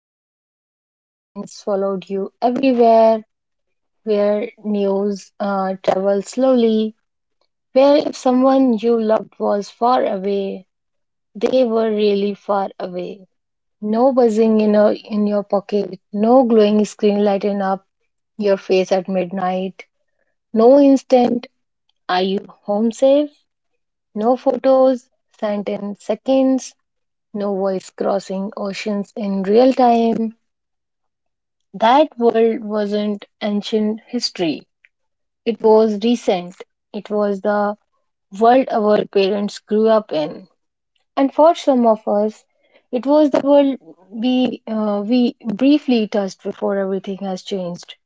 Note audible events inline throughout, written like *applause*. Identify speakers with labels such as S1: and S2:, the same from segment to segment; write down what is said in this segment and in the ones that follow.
S1: world where silence followed you everywhere, where news traveled slowly, where if someone you loved was far away, they were really far away. No buzzing in your pocket, no glowing screen lighting up your face at midnight, no instant, are you home safe? No photos sent in seconds, no voice crossing oceans in real time. That world wasn't ancient history, it was recent. It was the world our parents grew up in. And for some of us, it was the world we briefly touched before everything has changed.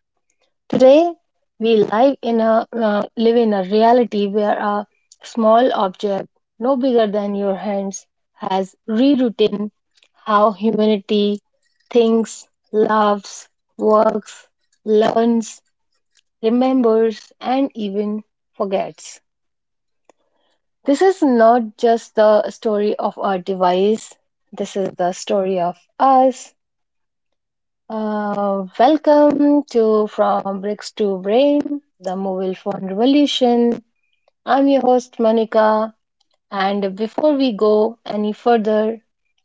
S1: Today, we live in a reality where a small object, no bigger than your hands, has rewritten how humanity thinks, loves, works, learns, remembers, and even forgets. This is not just the story of our device. This is the story of us. Welcome to From Bricks to Brain, the mobile phone revolution. I'm your host Monica, and before we go any further,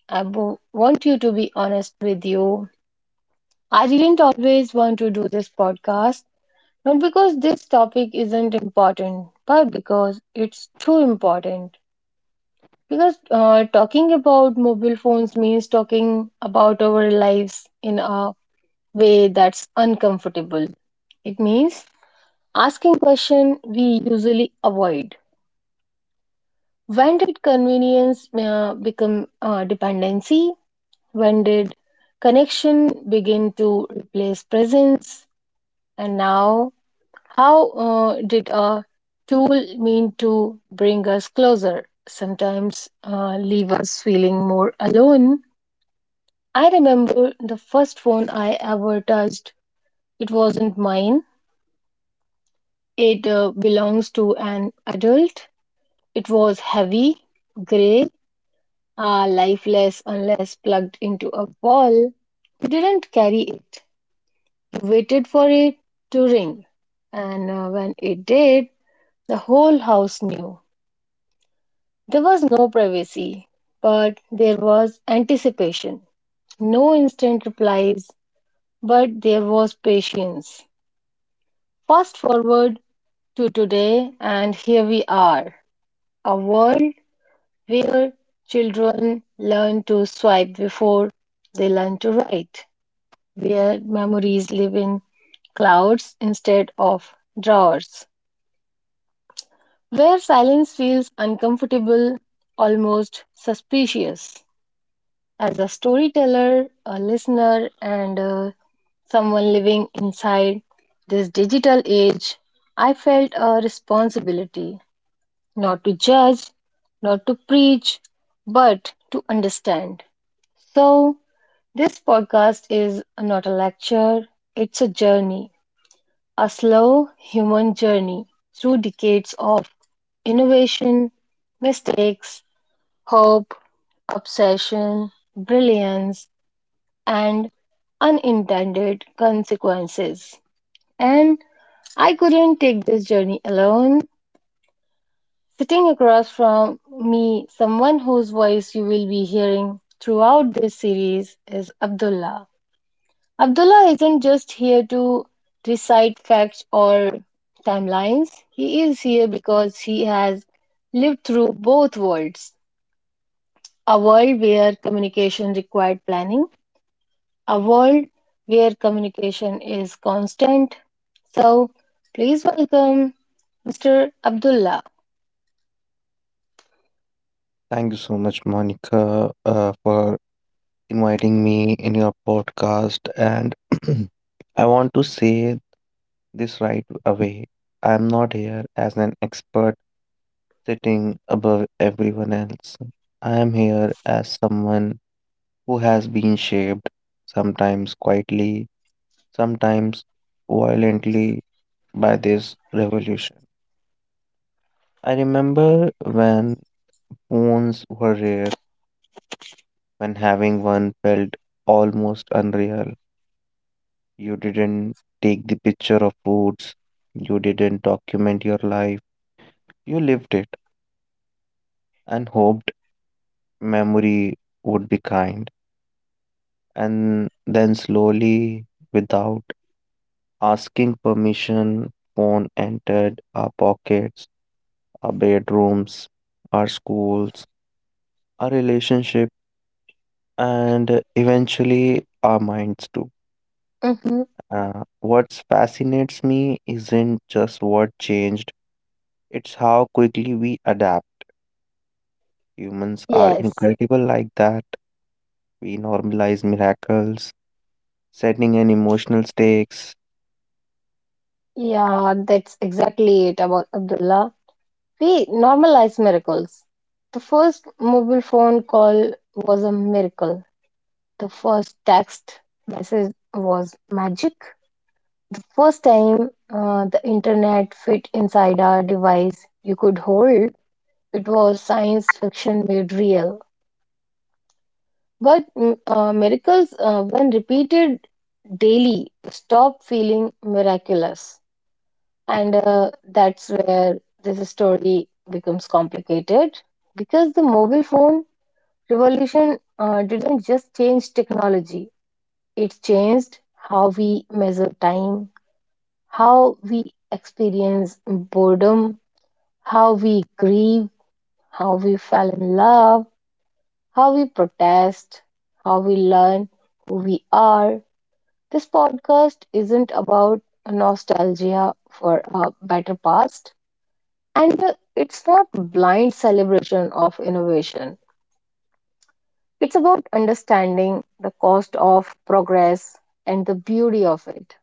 S1: I want you to be honest with you. I didn't always want to do this podcast, not because this topic isn't important, but because it's too important. Because talking about mobile phones means talking about our lives in a way that's uncomfortable. It means asking question we usually avoid. When did convenience become dependency? When did connection begin to replace presence? And now, how did a tool mean to bring us closer? Sometimes leave us feeling more alone. I remember the first phone I ever touched. It wasn't mine. It belongs to an adult. It was heavy, grey, lifeless unless plugged into a wall. You didn't carry it. You waited for it to ring. And when it did, the whole house knew. There was no privacy, but there was anticipation. No instant replies, but there was patience. Fast forward to today, and here we are. A world where children learn to swipe before they learn to write, where memories live in clouds instead of drawers, where silence feels uncomfortable, almost suspicious. As a storyteller, a listener, and someone living inside this digital age, I felt a responsibility not to judge, not to preach, but to understand. So, this podcast is not a lecture, it's a journey, a slow human journey through decades of innovation, mistakes, hope, obsession, brilliance, and unintended consequences. And I couldn't take this journey alone. Sitting across from me, someone whose voice you will be hearing throughout this series is Abdullah. Abdullah isn't just here to recite facts or timelines. He is here because he has lived through both worlds, a world where communication required planning, a world where communication is constant. So please welcome Mr. Abdullah.
S2: Thank you so much, Monica, for inviting me in your podcast. And *clears throat* I want to say this right away. I'm not here as an expert sitting above everyone else. I am here as someone who has been shaped, sometimes quietly, sometimes violently, by this revolution. I remember when phones were rare when having one felt almost unreal. You didn't take the picture of foods, you didn't document your life, you lived it and hoped memory would be kind. And then slowly, without asking permission, phone entered our pockets, our bedrooms, our schools, our relationship, and eventually our minds too.
S1: Mm-hmm.
S2: What fascinates me isn't just what changed, it's how quickly we adapt. Humans are
S1: Yes,
S2: incredible like that. We normalize miracles, setting and emotional stakes.
S1: yeah, that's exactly it about Abdullah. We normalize miracles. The first mobile phone call was a miracle. The first text message was magic. First time the internet fit inside our device you could hold, it was science fiction made real. But miracles when repeated daily, stop feeling miraculous. And that's where this story becomes complicated because the mobile phone revolution didn't just change technology. It's changed how we measure time, how we experience boredom, how we grieve, how we fell in love, how we protest, how we learn who we are. This podcast isn't about nostalgia for a better past, and it's not blind celebration of innovation. It's about understanding the cost of progress and the beauty of it.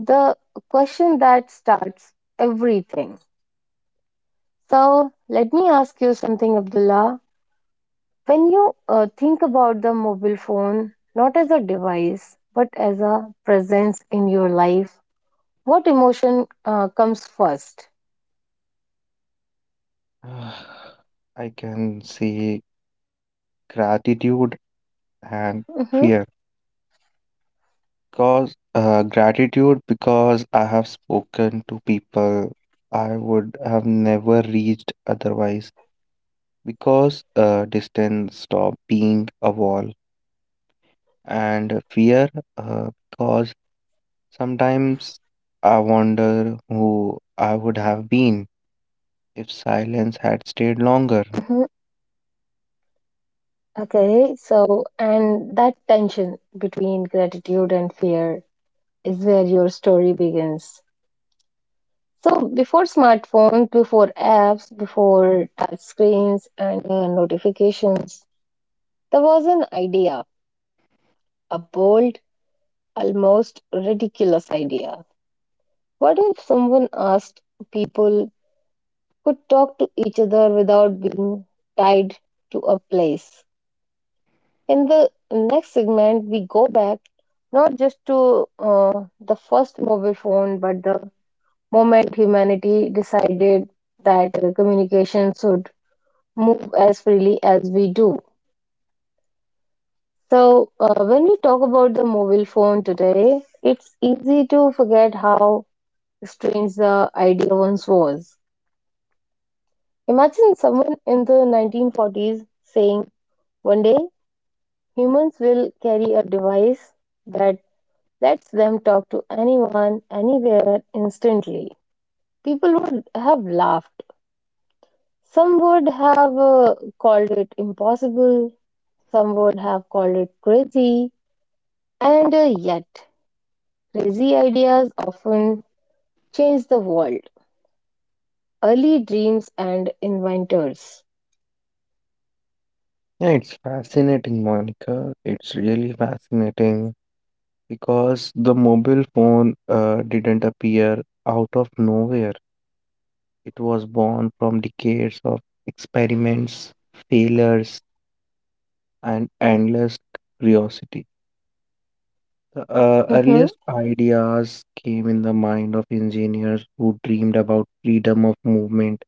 S1: The question that starts everything. So, let me ask you something, Abdullah. When you think about the mobile phone, not as a device, but as a presence in your life, what emotion comes first?
S2: *sighs* I can see gratitude and fear.
S1: Hmm.
S2: Because gratitude because I have spoken to people I would have never reached otherwise. Because Distance stopped being a wall and fear because sometimes I wonder who I would have been if silence had stayed longer.
S1: Hmm. Okay, so, and that tension between gratitude and fear is where your story begins. So, before smartphones, before apps, before touch screens and notifications, there was an idea, a bold, almost ridiculous idea. What if someone asked people could talk to each other without being tied to a place? In the next segment, we go back not just to the first mobile phone, but the moment humanity decided that communication should move as freely as we do. So, when we talk about the mobile phone today, it's easy to forget how strange the idea once was. Imagine someone in the 1940s saying, one day humans will carry a device that lets them talk to anyone, anywhere, instantly. People would have laughed. Some would have called it impossible, some would have called it crazy, and yet crazy ideas often change the world. Early dreams and inventors.
S2: Yeah, it's fascinating, Monica. It's really fascinating because the mobile phone didn't appear out of nowhere. It was born from decades of experiments, failures, and endless curiosity. The
S1: Mm-hmm.
S2: earliest ideas came in the mind of engineers who dreamed about freedom of movement.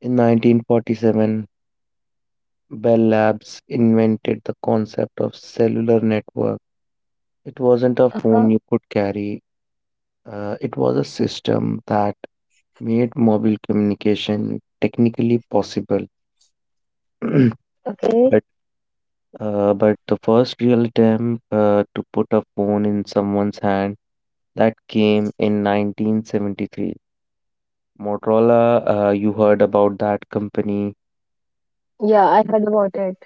S2: In 1947, Bell Labs invented the concept of cellular network. It wasn't a phone
S1: Uh-huh.
S2: you could carry, it was a system that made mobile communication technically possible. *clears throat*
S1: Okay.
S2: but but the first real attempt to put a phone in someone's hand, that came in 1973. Motorola, you heard about that company.
S1: Yeah, I heard about it.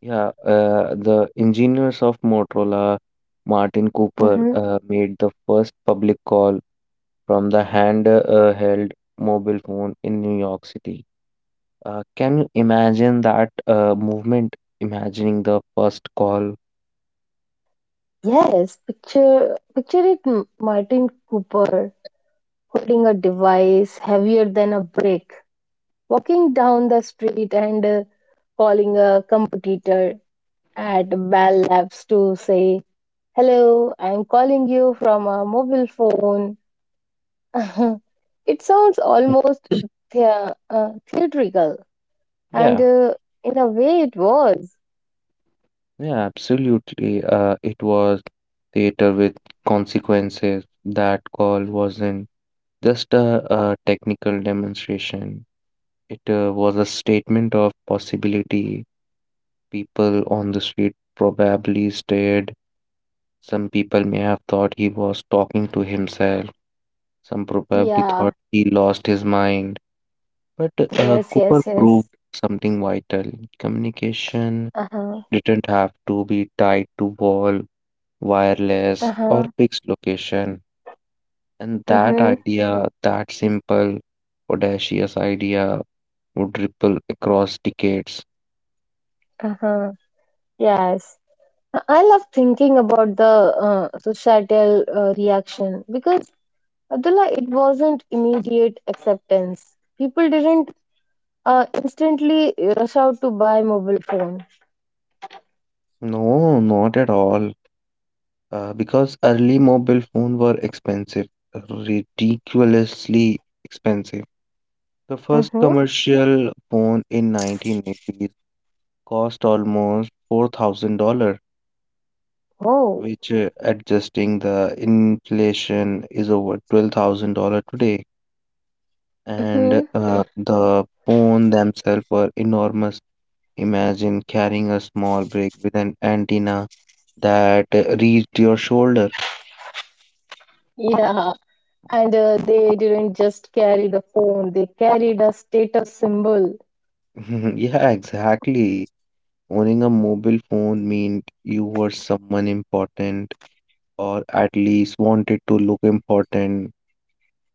S2: Yeah, the engineers of Motorola, Martin Cooper,
S1: Mm-hmm.
S2: made the first public call from the hand held mobile phone in New York City. Can you imagine that movement? Imagining the first call.
S1: Yes, picture it, Martin Cooper holding a device heavier than a brick, walking down the street and calling a competitor at Bell Labs to say, "Hello, I'm calling you from a mobile phone." *laughs* It sounds almost theatrical, and
S2: Yeah,
S1: in a way, it was.
S2: yeah, absolutely. It was theater with consequences. That call wasn't just a technical demonstration. It was a statement of possibility. People on the street probably stared. Some people may have thought he was talking to himself. Some probably
S1: Yeah.
S2: thought he lost his mind. But
S1: Yes, yes,
S2: Cooper proved
S1: yes.
S2: something vital. Communication
S1: Uh huh.
S2: didn't have to be tied to wall, wireless,
S1: Uh
S2: or
S1: huh.
S2: fixed location. And that
S1: Mm-hmm.
S2: idea, that simple, audacious idea, would ripple across decades.
S1: Uh huh. Yes. I love thinking about the societal reaction because, Abdullah, it wasn't immediate acceptance. People didn't instantly rush out to buy mobile phone.
S2: No, not at all. Because early mobile phone were expensive, ridiculously expensive. The first
S1: Mm-hmm.
S2: commercial phone in 1980s cost almost $4,000,
S1: Oh.
S2: which adjusting the inflation is over $12,000 today. And
S1: Mm-hmm.
S2: the phone themselves were enormous. Imagine carrying a small brick with an antenna that reached your shoulder.
S1: Yeah. And they didn't just carry the phone; they carried a status symbol.
S2: *laughs* Yeah, exactly. Owning a mobile phone meant you were someone important, or at least wanted to look important.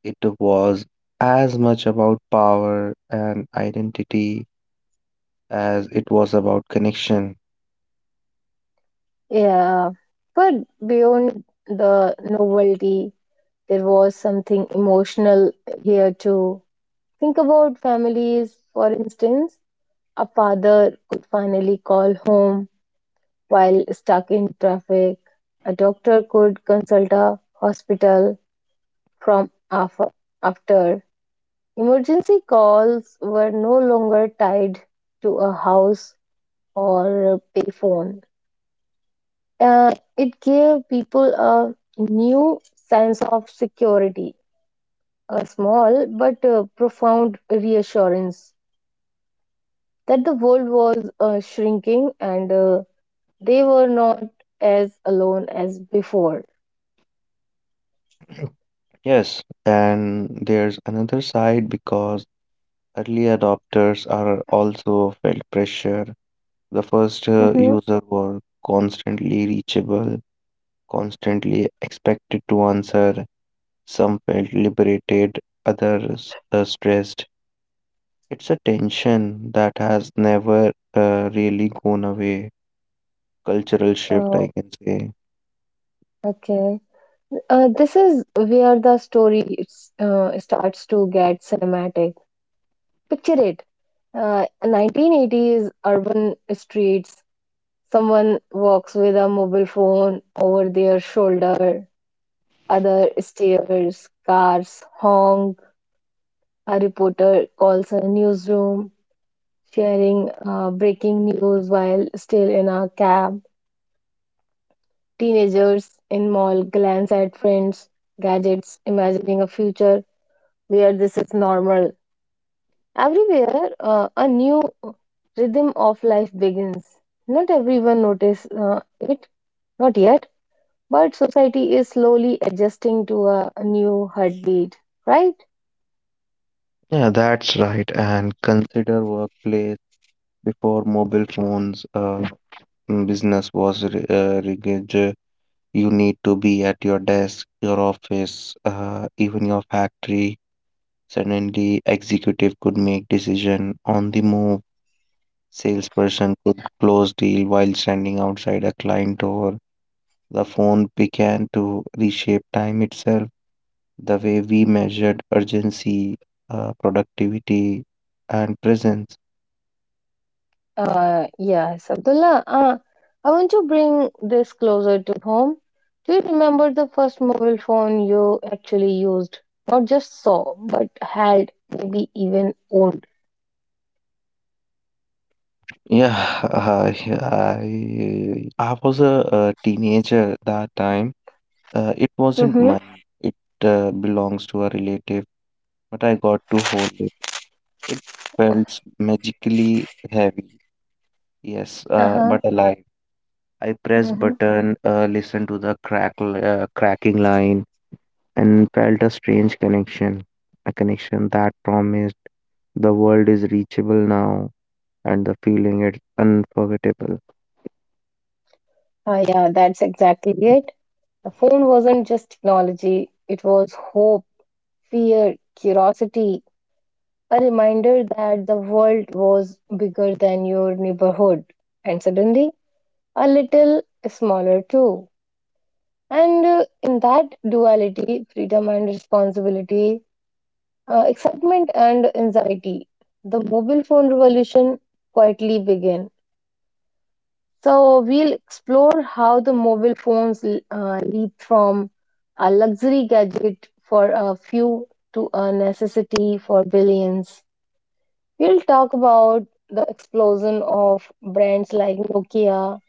S2: It was as much about power and identity as it was about connection.
S1: Yeah, but beyond the novelty, there was something emotional here too. Think about families, for instance. A father could finally call home while stuck in traffic. A doctor could consult a hospital from af- after. Emergency calls were no longer tied to a house or a payphone. Uh, it gave people a new sense of security, a small but profound reassurance that the world was shrinking and they were not as alone as before.
S2: *clears throat* Yes, and there's another side because early adopters are also felt pressure. The first
S1: Mm-hmm.
S2: user were constantly reachable, constantly expected to answer. Some felt liberated, others stressed. It's a tension that has never really gone away. Cultural shift, I
S1: Oh,
S2: can say.
S1: okay. This is where the story starts to get cinematic. Picture it. 1980s urban streets. Someone walks with a mobile phone over their shoulder. Other stares, cars honk. A reporter calls a newsroom, sharing breaking news while still in a cab. Teenagers in mall glance at friends, gadgets, imagining a future where this is normal. Everywhere, a new rhythm of life begins. Not everyone notices it, not yet. But society is slowly adjusting to a new heartbeat, right?
S2: Yeah, that's right. And consider workplace before mobile phones. Business was rigid. You need to be at your desk, your office, even your factory. Suddenly, executive could make decision on the move. Salesperson could close deal while standing outside a client door. The phone began to reshape time itself, the way we measured urgency, productivity, and presence.
S1: Yes, Abdullah, I want to bring this closer to home. Do you remember the first mobile phone you actually used? Not just saw, but had, maybe even owned.
S2: Yeah, I was a, uh, teenager that time. It wasn't
S1: Mm-hmm.
S2: mine. It belongs to a relative, but I got to hold it. It felt magically heavy. Yes,
S1: Uh-huh.
S2: but alive. I pressed
S1: Mm-hmm.
S2: button, listened to the crackle, cracking line, and felt a strange connection, a connection that promised the world is reachable now, and the feeling is unforgettable.
S1: Yeah, that's exactly it. The phone wasn't just technology, it was hope, fear, curiosity, a reminder that the world was bigger than your neighborhood and suddenly a little smaller too. And in that duality, freedom and responsibility, excitement and anxiety, the mobile phone revolution quietly began. So we'll explore how the mobile phones leap from a luxury gadget for a few to a necessity for billions. We'll talk about the explosion of brands like Nokia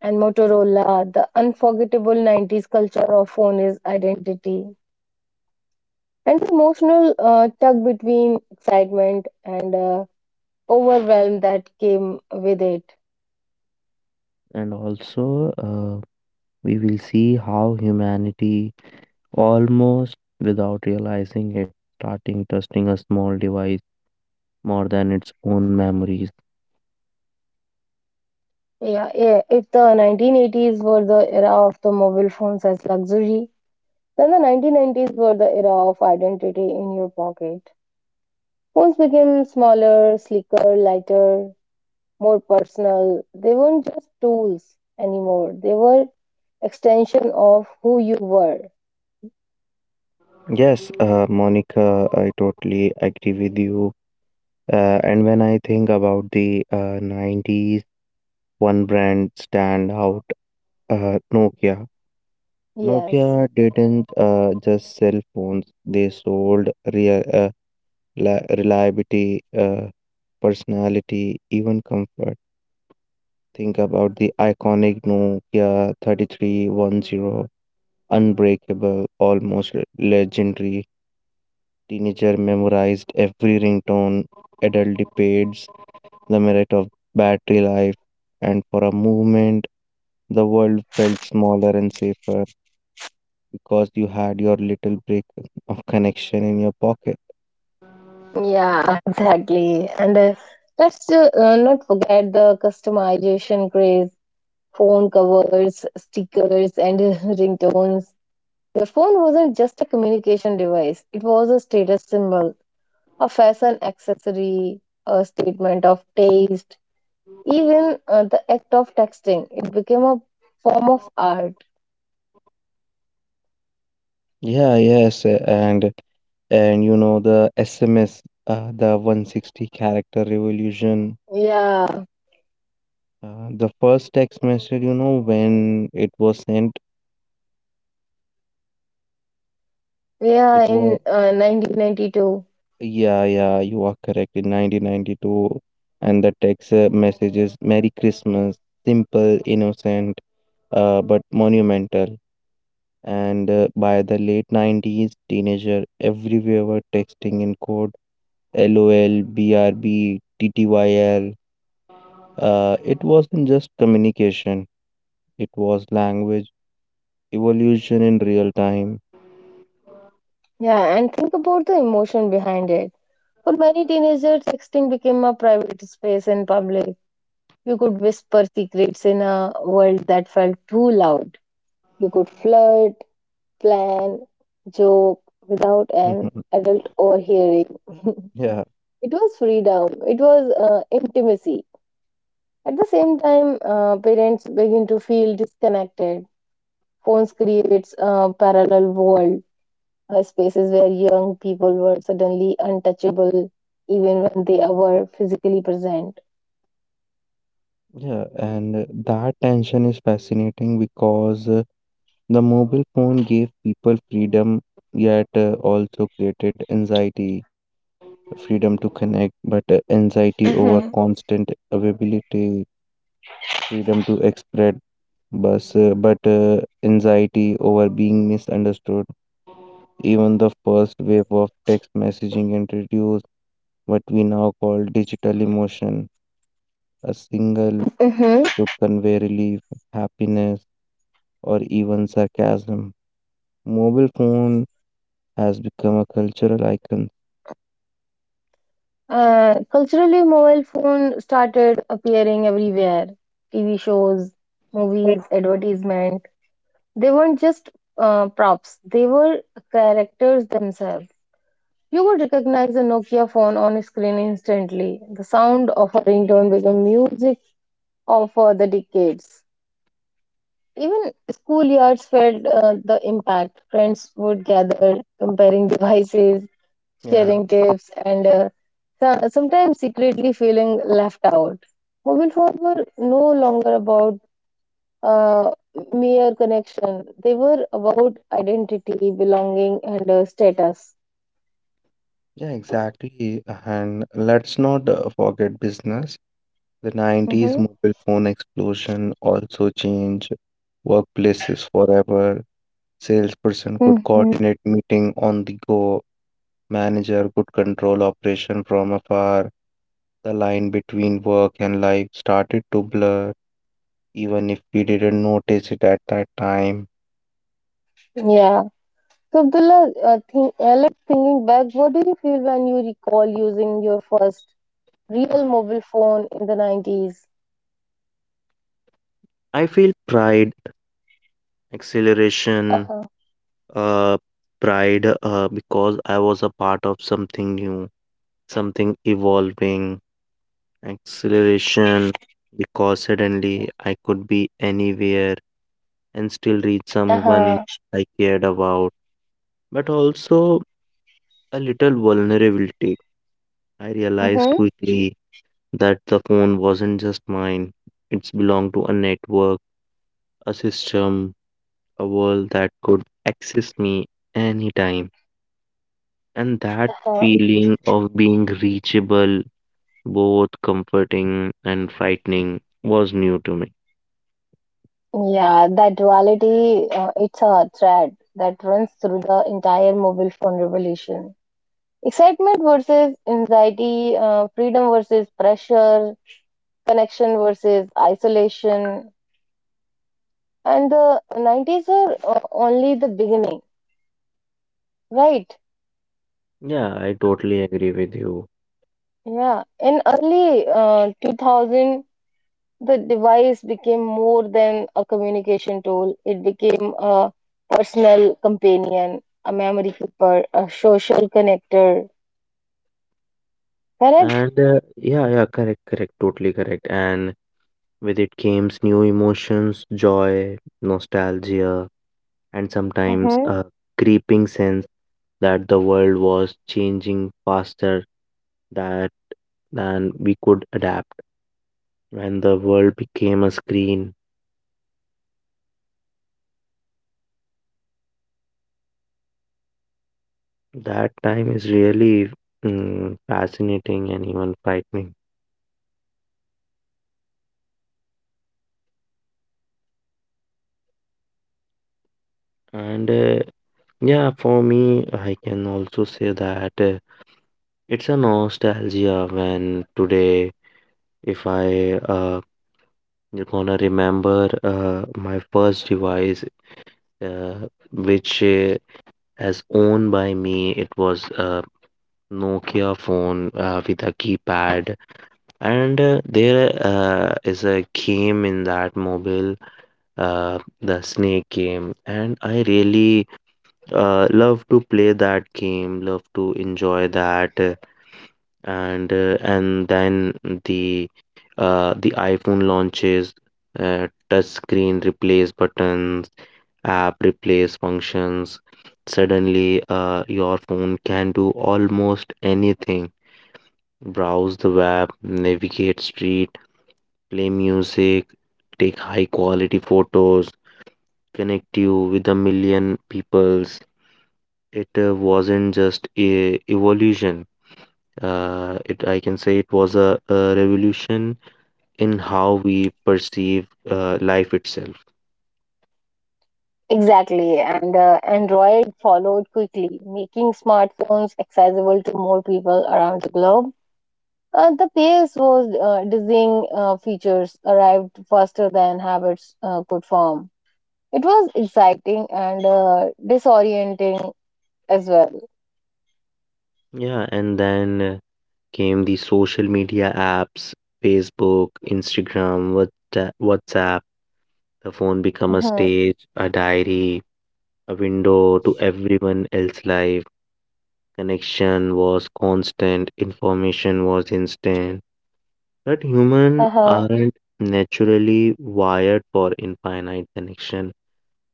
S1: and Motorola, the unforgettable 90s culture of phone is identity, and the emotional tug between excitement and overwhelm that came with it.
S2: And also, we will see how humanity, almost without realizing it, starting trusting a small device more than its own memories.
S1: Yeah, yeah, if the 1980s were the era of the mobile phones as luxury, then the 1990s were the era of identity in your pocket. Phones became smaller, sleeker, lighter, more personal. They weren't just tools anymore. They were extension of who you were.
S2: Yes, Monica, I totally agree with you. And when I think about the 90s, one brand stand out, Nokia. Nokia
S1: Yes.
S2: didn't just sell phones, they sold real, reliability, personality, even comfort. Think about the iconic Nokia 3310, unbreakable, almost legendary. Teenager memorized every ringtone, adult debates the merit of battery life, and for a moment, the world felt smaller and safer because you had your little brick of connection in your pocket.
S1: Yeah, *laughs* exactly. And let's not forget the customization craze, phone covers, stickers, and *laughs* ringtones. Your phone wasn't just a communication device, it was a status symbol, a fashion accessory, a statement of taste. Even the act of texting, it became a form of art.
S2: Yeah, yes, uh, and and you know the SMS, the 160 character revolution.
S1: Yeah,
S2: The first text message, you know, when it was sent, it
S1: yeah,
S2: was—
S1: in 1992.
S2: Yeah, you are correct. In 1992, and the text message is Merry Christmas, simple, innocent, but monumental. And by the late 90s, teenager everywhere were texting in code: LOL, BRB. It wasn't just communication, it was language evolution in real time.
S1: Yeah, and think about the emotion behind it. For many teenagers, texting became a private space in public. You could whisper secrets in a world that felt too loud. You could flirt, plan, joke without an
S2: *laughs*
S1: adult overhearing. *laughs*
S2: Yeah,
S1: It was freedom. It was intimacy. At the same time, parents begin to feel disconnected. Phones creates a parallel world, spaces where young people were suddenly untouchable even when they were physically present.
S2: yeah, and that tension is fascinating because the mobile phone gave people freedom, yet also created anxiety. Freedom to
S1: Mm-hmm.
S2: connect, but anxiety over constant availability. Freedom to express, but anxiety over being misunderstood. Even the first wave of text messaging introduced what we now call digital emotion. A single
S1: Hmm.
S2: could convey relief, happiness, or even sarcasm. Mobile phone has become a cultural icon.
S1: Culturally, mobile phone started appearing everywhere. TV shows, movies, advertisement. They weren't just props; they were characters themselves. You would recognize a Nokia phone on screen instantly. The sound of a ringtone became music of the decades. Even schoolyards felt the impact. Friends would gather, comparing devices,
S2: Yeah,
S1: sharing tips, and sometimes secretly feeling left out. Mobile phones were no longer about uh, mere connection, they were about identity, belonging, and status.
S2: yeah, exactly. And let's not forget business. The 90s
S1: Hmm.
S2: mobile phone explosion also changed workplaces forever. Salesperson could
S1: Hmm.
S2: coordinate meeting on the go. Manager could control operation from afar. The line between work and life started to blur, even if we didn't notice it at that time.
S1: Yeah. So, Abdullah, thinking back, what do you feel when you recall using your first real mobile phone in the 90s?
S2: I feel pride, acceleration,
S1: Uh-huh.
S2: uh, pride because I was a part of something new, something evolving, acceleration, because suddenly I could be anywhere and still reach someone
S1: Uh-huh.
S2: I cared about, but also a little vulnerability. I realized
S1: Mm-hmm.
S2: quickly that the phone wasn't just mine, it belonged to a network, a system, a world that could access me anytime. And that
S1: Uh,
S2: feeling of being reachable, both comforting and frightening, was new to me.
S1: yeah, that duality, it's a thread that runs through the entire mobile phone revolution. Excitement versus anxiety, freedom versus pressure, connection versus isolation. And the 90s are only the beginning, right?
S2: Yeah, I totally agree with you.
S1: Yeah. In early 2000, the device became more than a communication tool. It became a personal companion, a memory keeper, a social connector. Correct?
S2: Correct, totally correct. And with it came new emotions, joy, nostalgia, and sometimes
S1: Mm-hmm.
S2: a creeping sense that the world was changing faster that than we could adapt. When the world became a screen. That time is really fascinating and even frightening. And yeah, for me, I can also say that it's a nostalgia when today, if I you're gonna remember my first device, uh, which as owned by me, it was a Nokia phone with a keypad, and there is a game in that mobile, the snake game, and I really love to play that game, love to enjoy that. And and then the the iPhone launches, touch screen replace buttons, app replace functions. Suddenly your phone can do almost anything: browse the web, navigate street, play music, take high quality photos, connect you with a million peoples. It wasn't just a evolution. It I can say it was a revolution in how we perceive life itself.
S1: Exactly. And Android followed quickly, making smartphones accessible to more people around the globe. The pace was dizzying, features arrived faster than habits could form. It was exciting and disorienting as well.
S2: Yeah, and then came the social media apps, Facebook, Instagram, WhatsApp. The phone become a
S1: Hmm.
S2: stage, a diary, a window to everyone else's life. Connection was constant, information was instant, that humans
S1: Uh-huh.
S2: aren't naturally wired for infinite connection.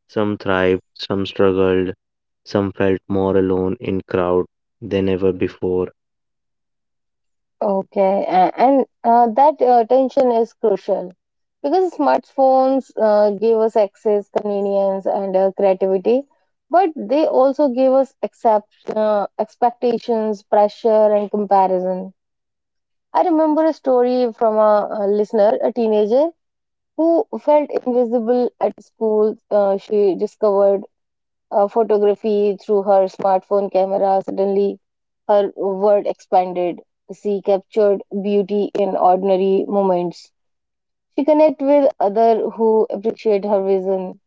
S2: Some thrived, some struggled, some felt more alone in crowd than ever before.
S1: Okay, and that attention is crucial because smartphones give us access, convenience, and creativity, but they also give us expectations, pressure, and comparison. I remember a story from a listener, a teenager, who felt invisible at school. She discovered photography through her smartphone camera. Suddenly, her world expanded. She captured beauty in ordinary moments. She connected with others who appreciate her vision.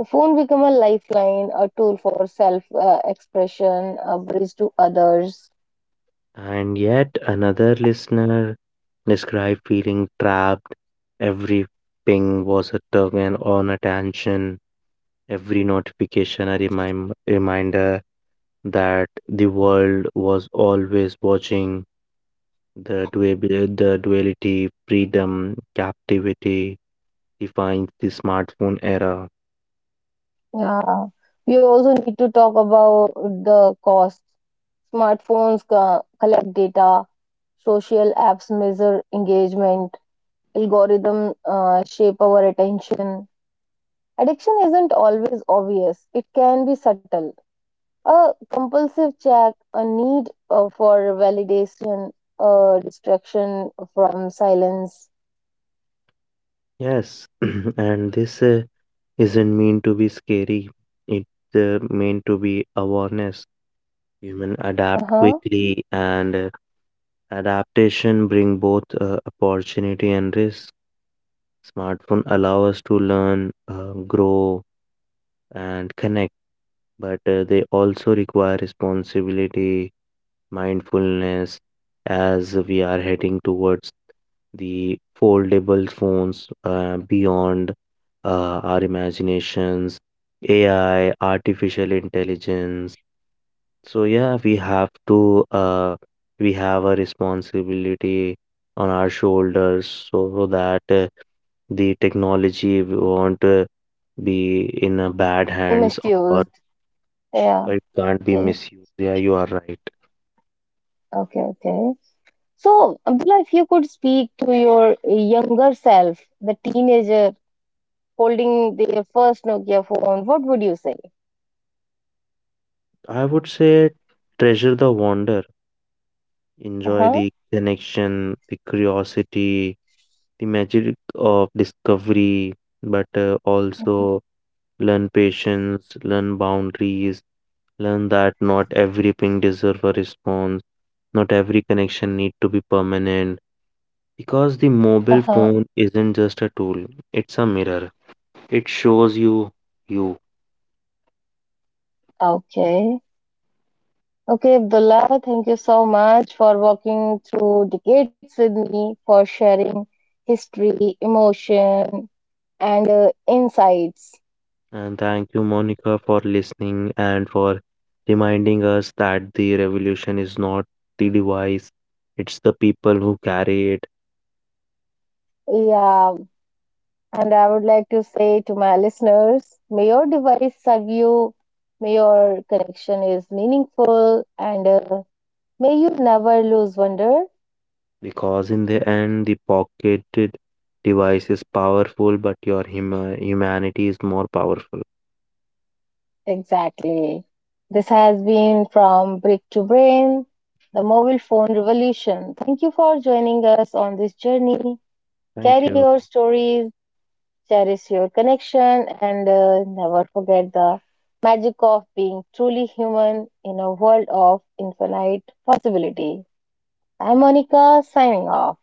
S1: The phone became a lifeline, a tool for self expression, a bridge to others.
S2: And yet another listener described feeling trapped. Every ping was a tug and on attention. Every notification a reminder that the world was always watching. The duality, freedom, captivity defines the smartphone era.
S1: Yeah. We also need to talk about the cost. Smartphones collect data, social apps measure engagement, algorithm shape our attention. Addiction isn't always obvious, it can be subtle. A compulsive check, a need for validation, a distraction from silence.
S2: Yes, *clears throat* and this isn't meant to be scary, it's meant to be awareness. Human adapt
S1: Uh-huh.
S2: quickly, and adaptation bring both opportunity and risk. Smartphone allow us to learn, grow, and connect, but they also require responsibility, mindfulness, as we are heading towards the foldable phones beyond our imaginations, AI, artificial intelligence. So yeah, we have a responsibility on our shoulders so that the technology won't be in a bad hands or
S1: Misused. Yeah,
S2: it can't be
S1: okay,
S2: misused. Yeah, you are right.
S1: okay, okay. So, Abdullah, if you could speak to your younger self, the teenager holding their first Nokia phone, what would you say?
S2: I would say treasure the wonder,
S1: Uh
S2: enjoy
S1: huh.
S2: the connection, the curiosity, the magic of discovery, but also learn patience, learn boundaries, learn that not everything deserves a response, not every connection need to be permanent. Because the
S1: Uh
S2: mobile
S1: huh.
S2: phone isn't just a tool, it's a mirror. It shows you you.
S1: Okay. Okay, Abdullah, thank you so much for walking through decades with me, for sharing history, emotion, and insights.
S2: And thank you, Monica, for listening and for reminding us that the revolution is not the device, it's the people who carry it.
S1: Yeah, and I would like to say to my listeners may your device serve you, may your connection is meaningful, and may you never lose wonder.
S2: Because in the end, the pocketed device is powerful, but your humanity is more powerful.
S1: Exactly. This has been From Brick to Brain, the mobile phone revolution. Thank you for joining us on this journey.
S2: Thank
S1: Carry
S2: you.
S1: your stories, cherish your connection, and never forget the magic of being truly human in a world of infinite possibility. I'm Monica signing off.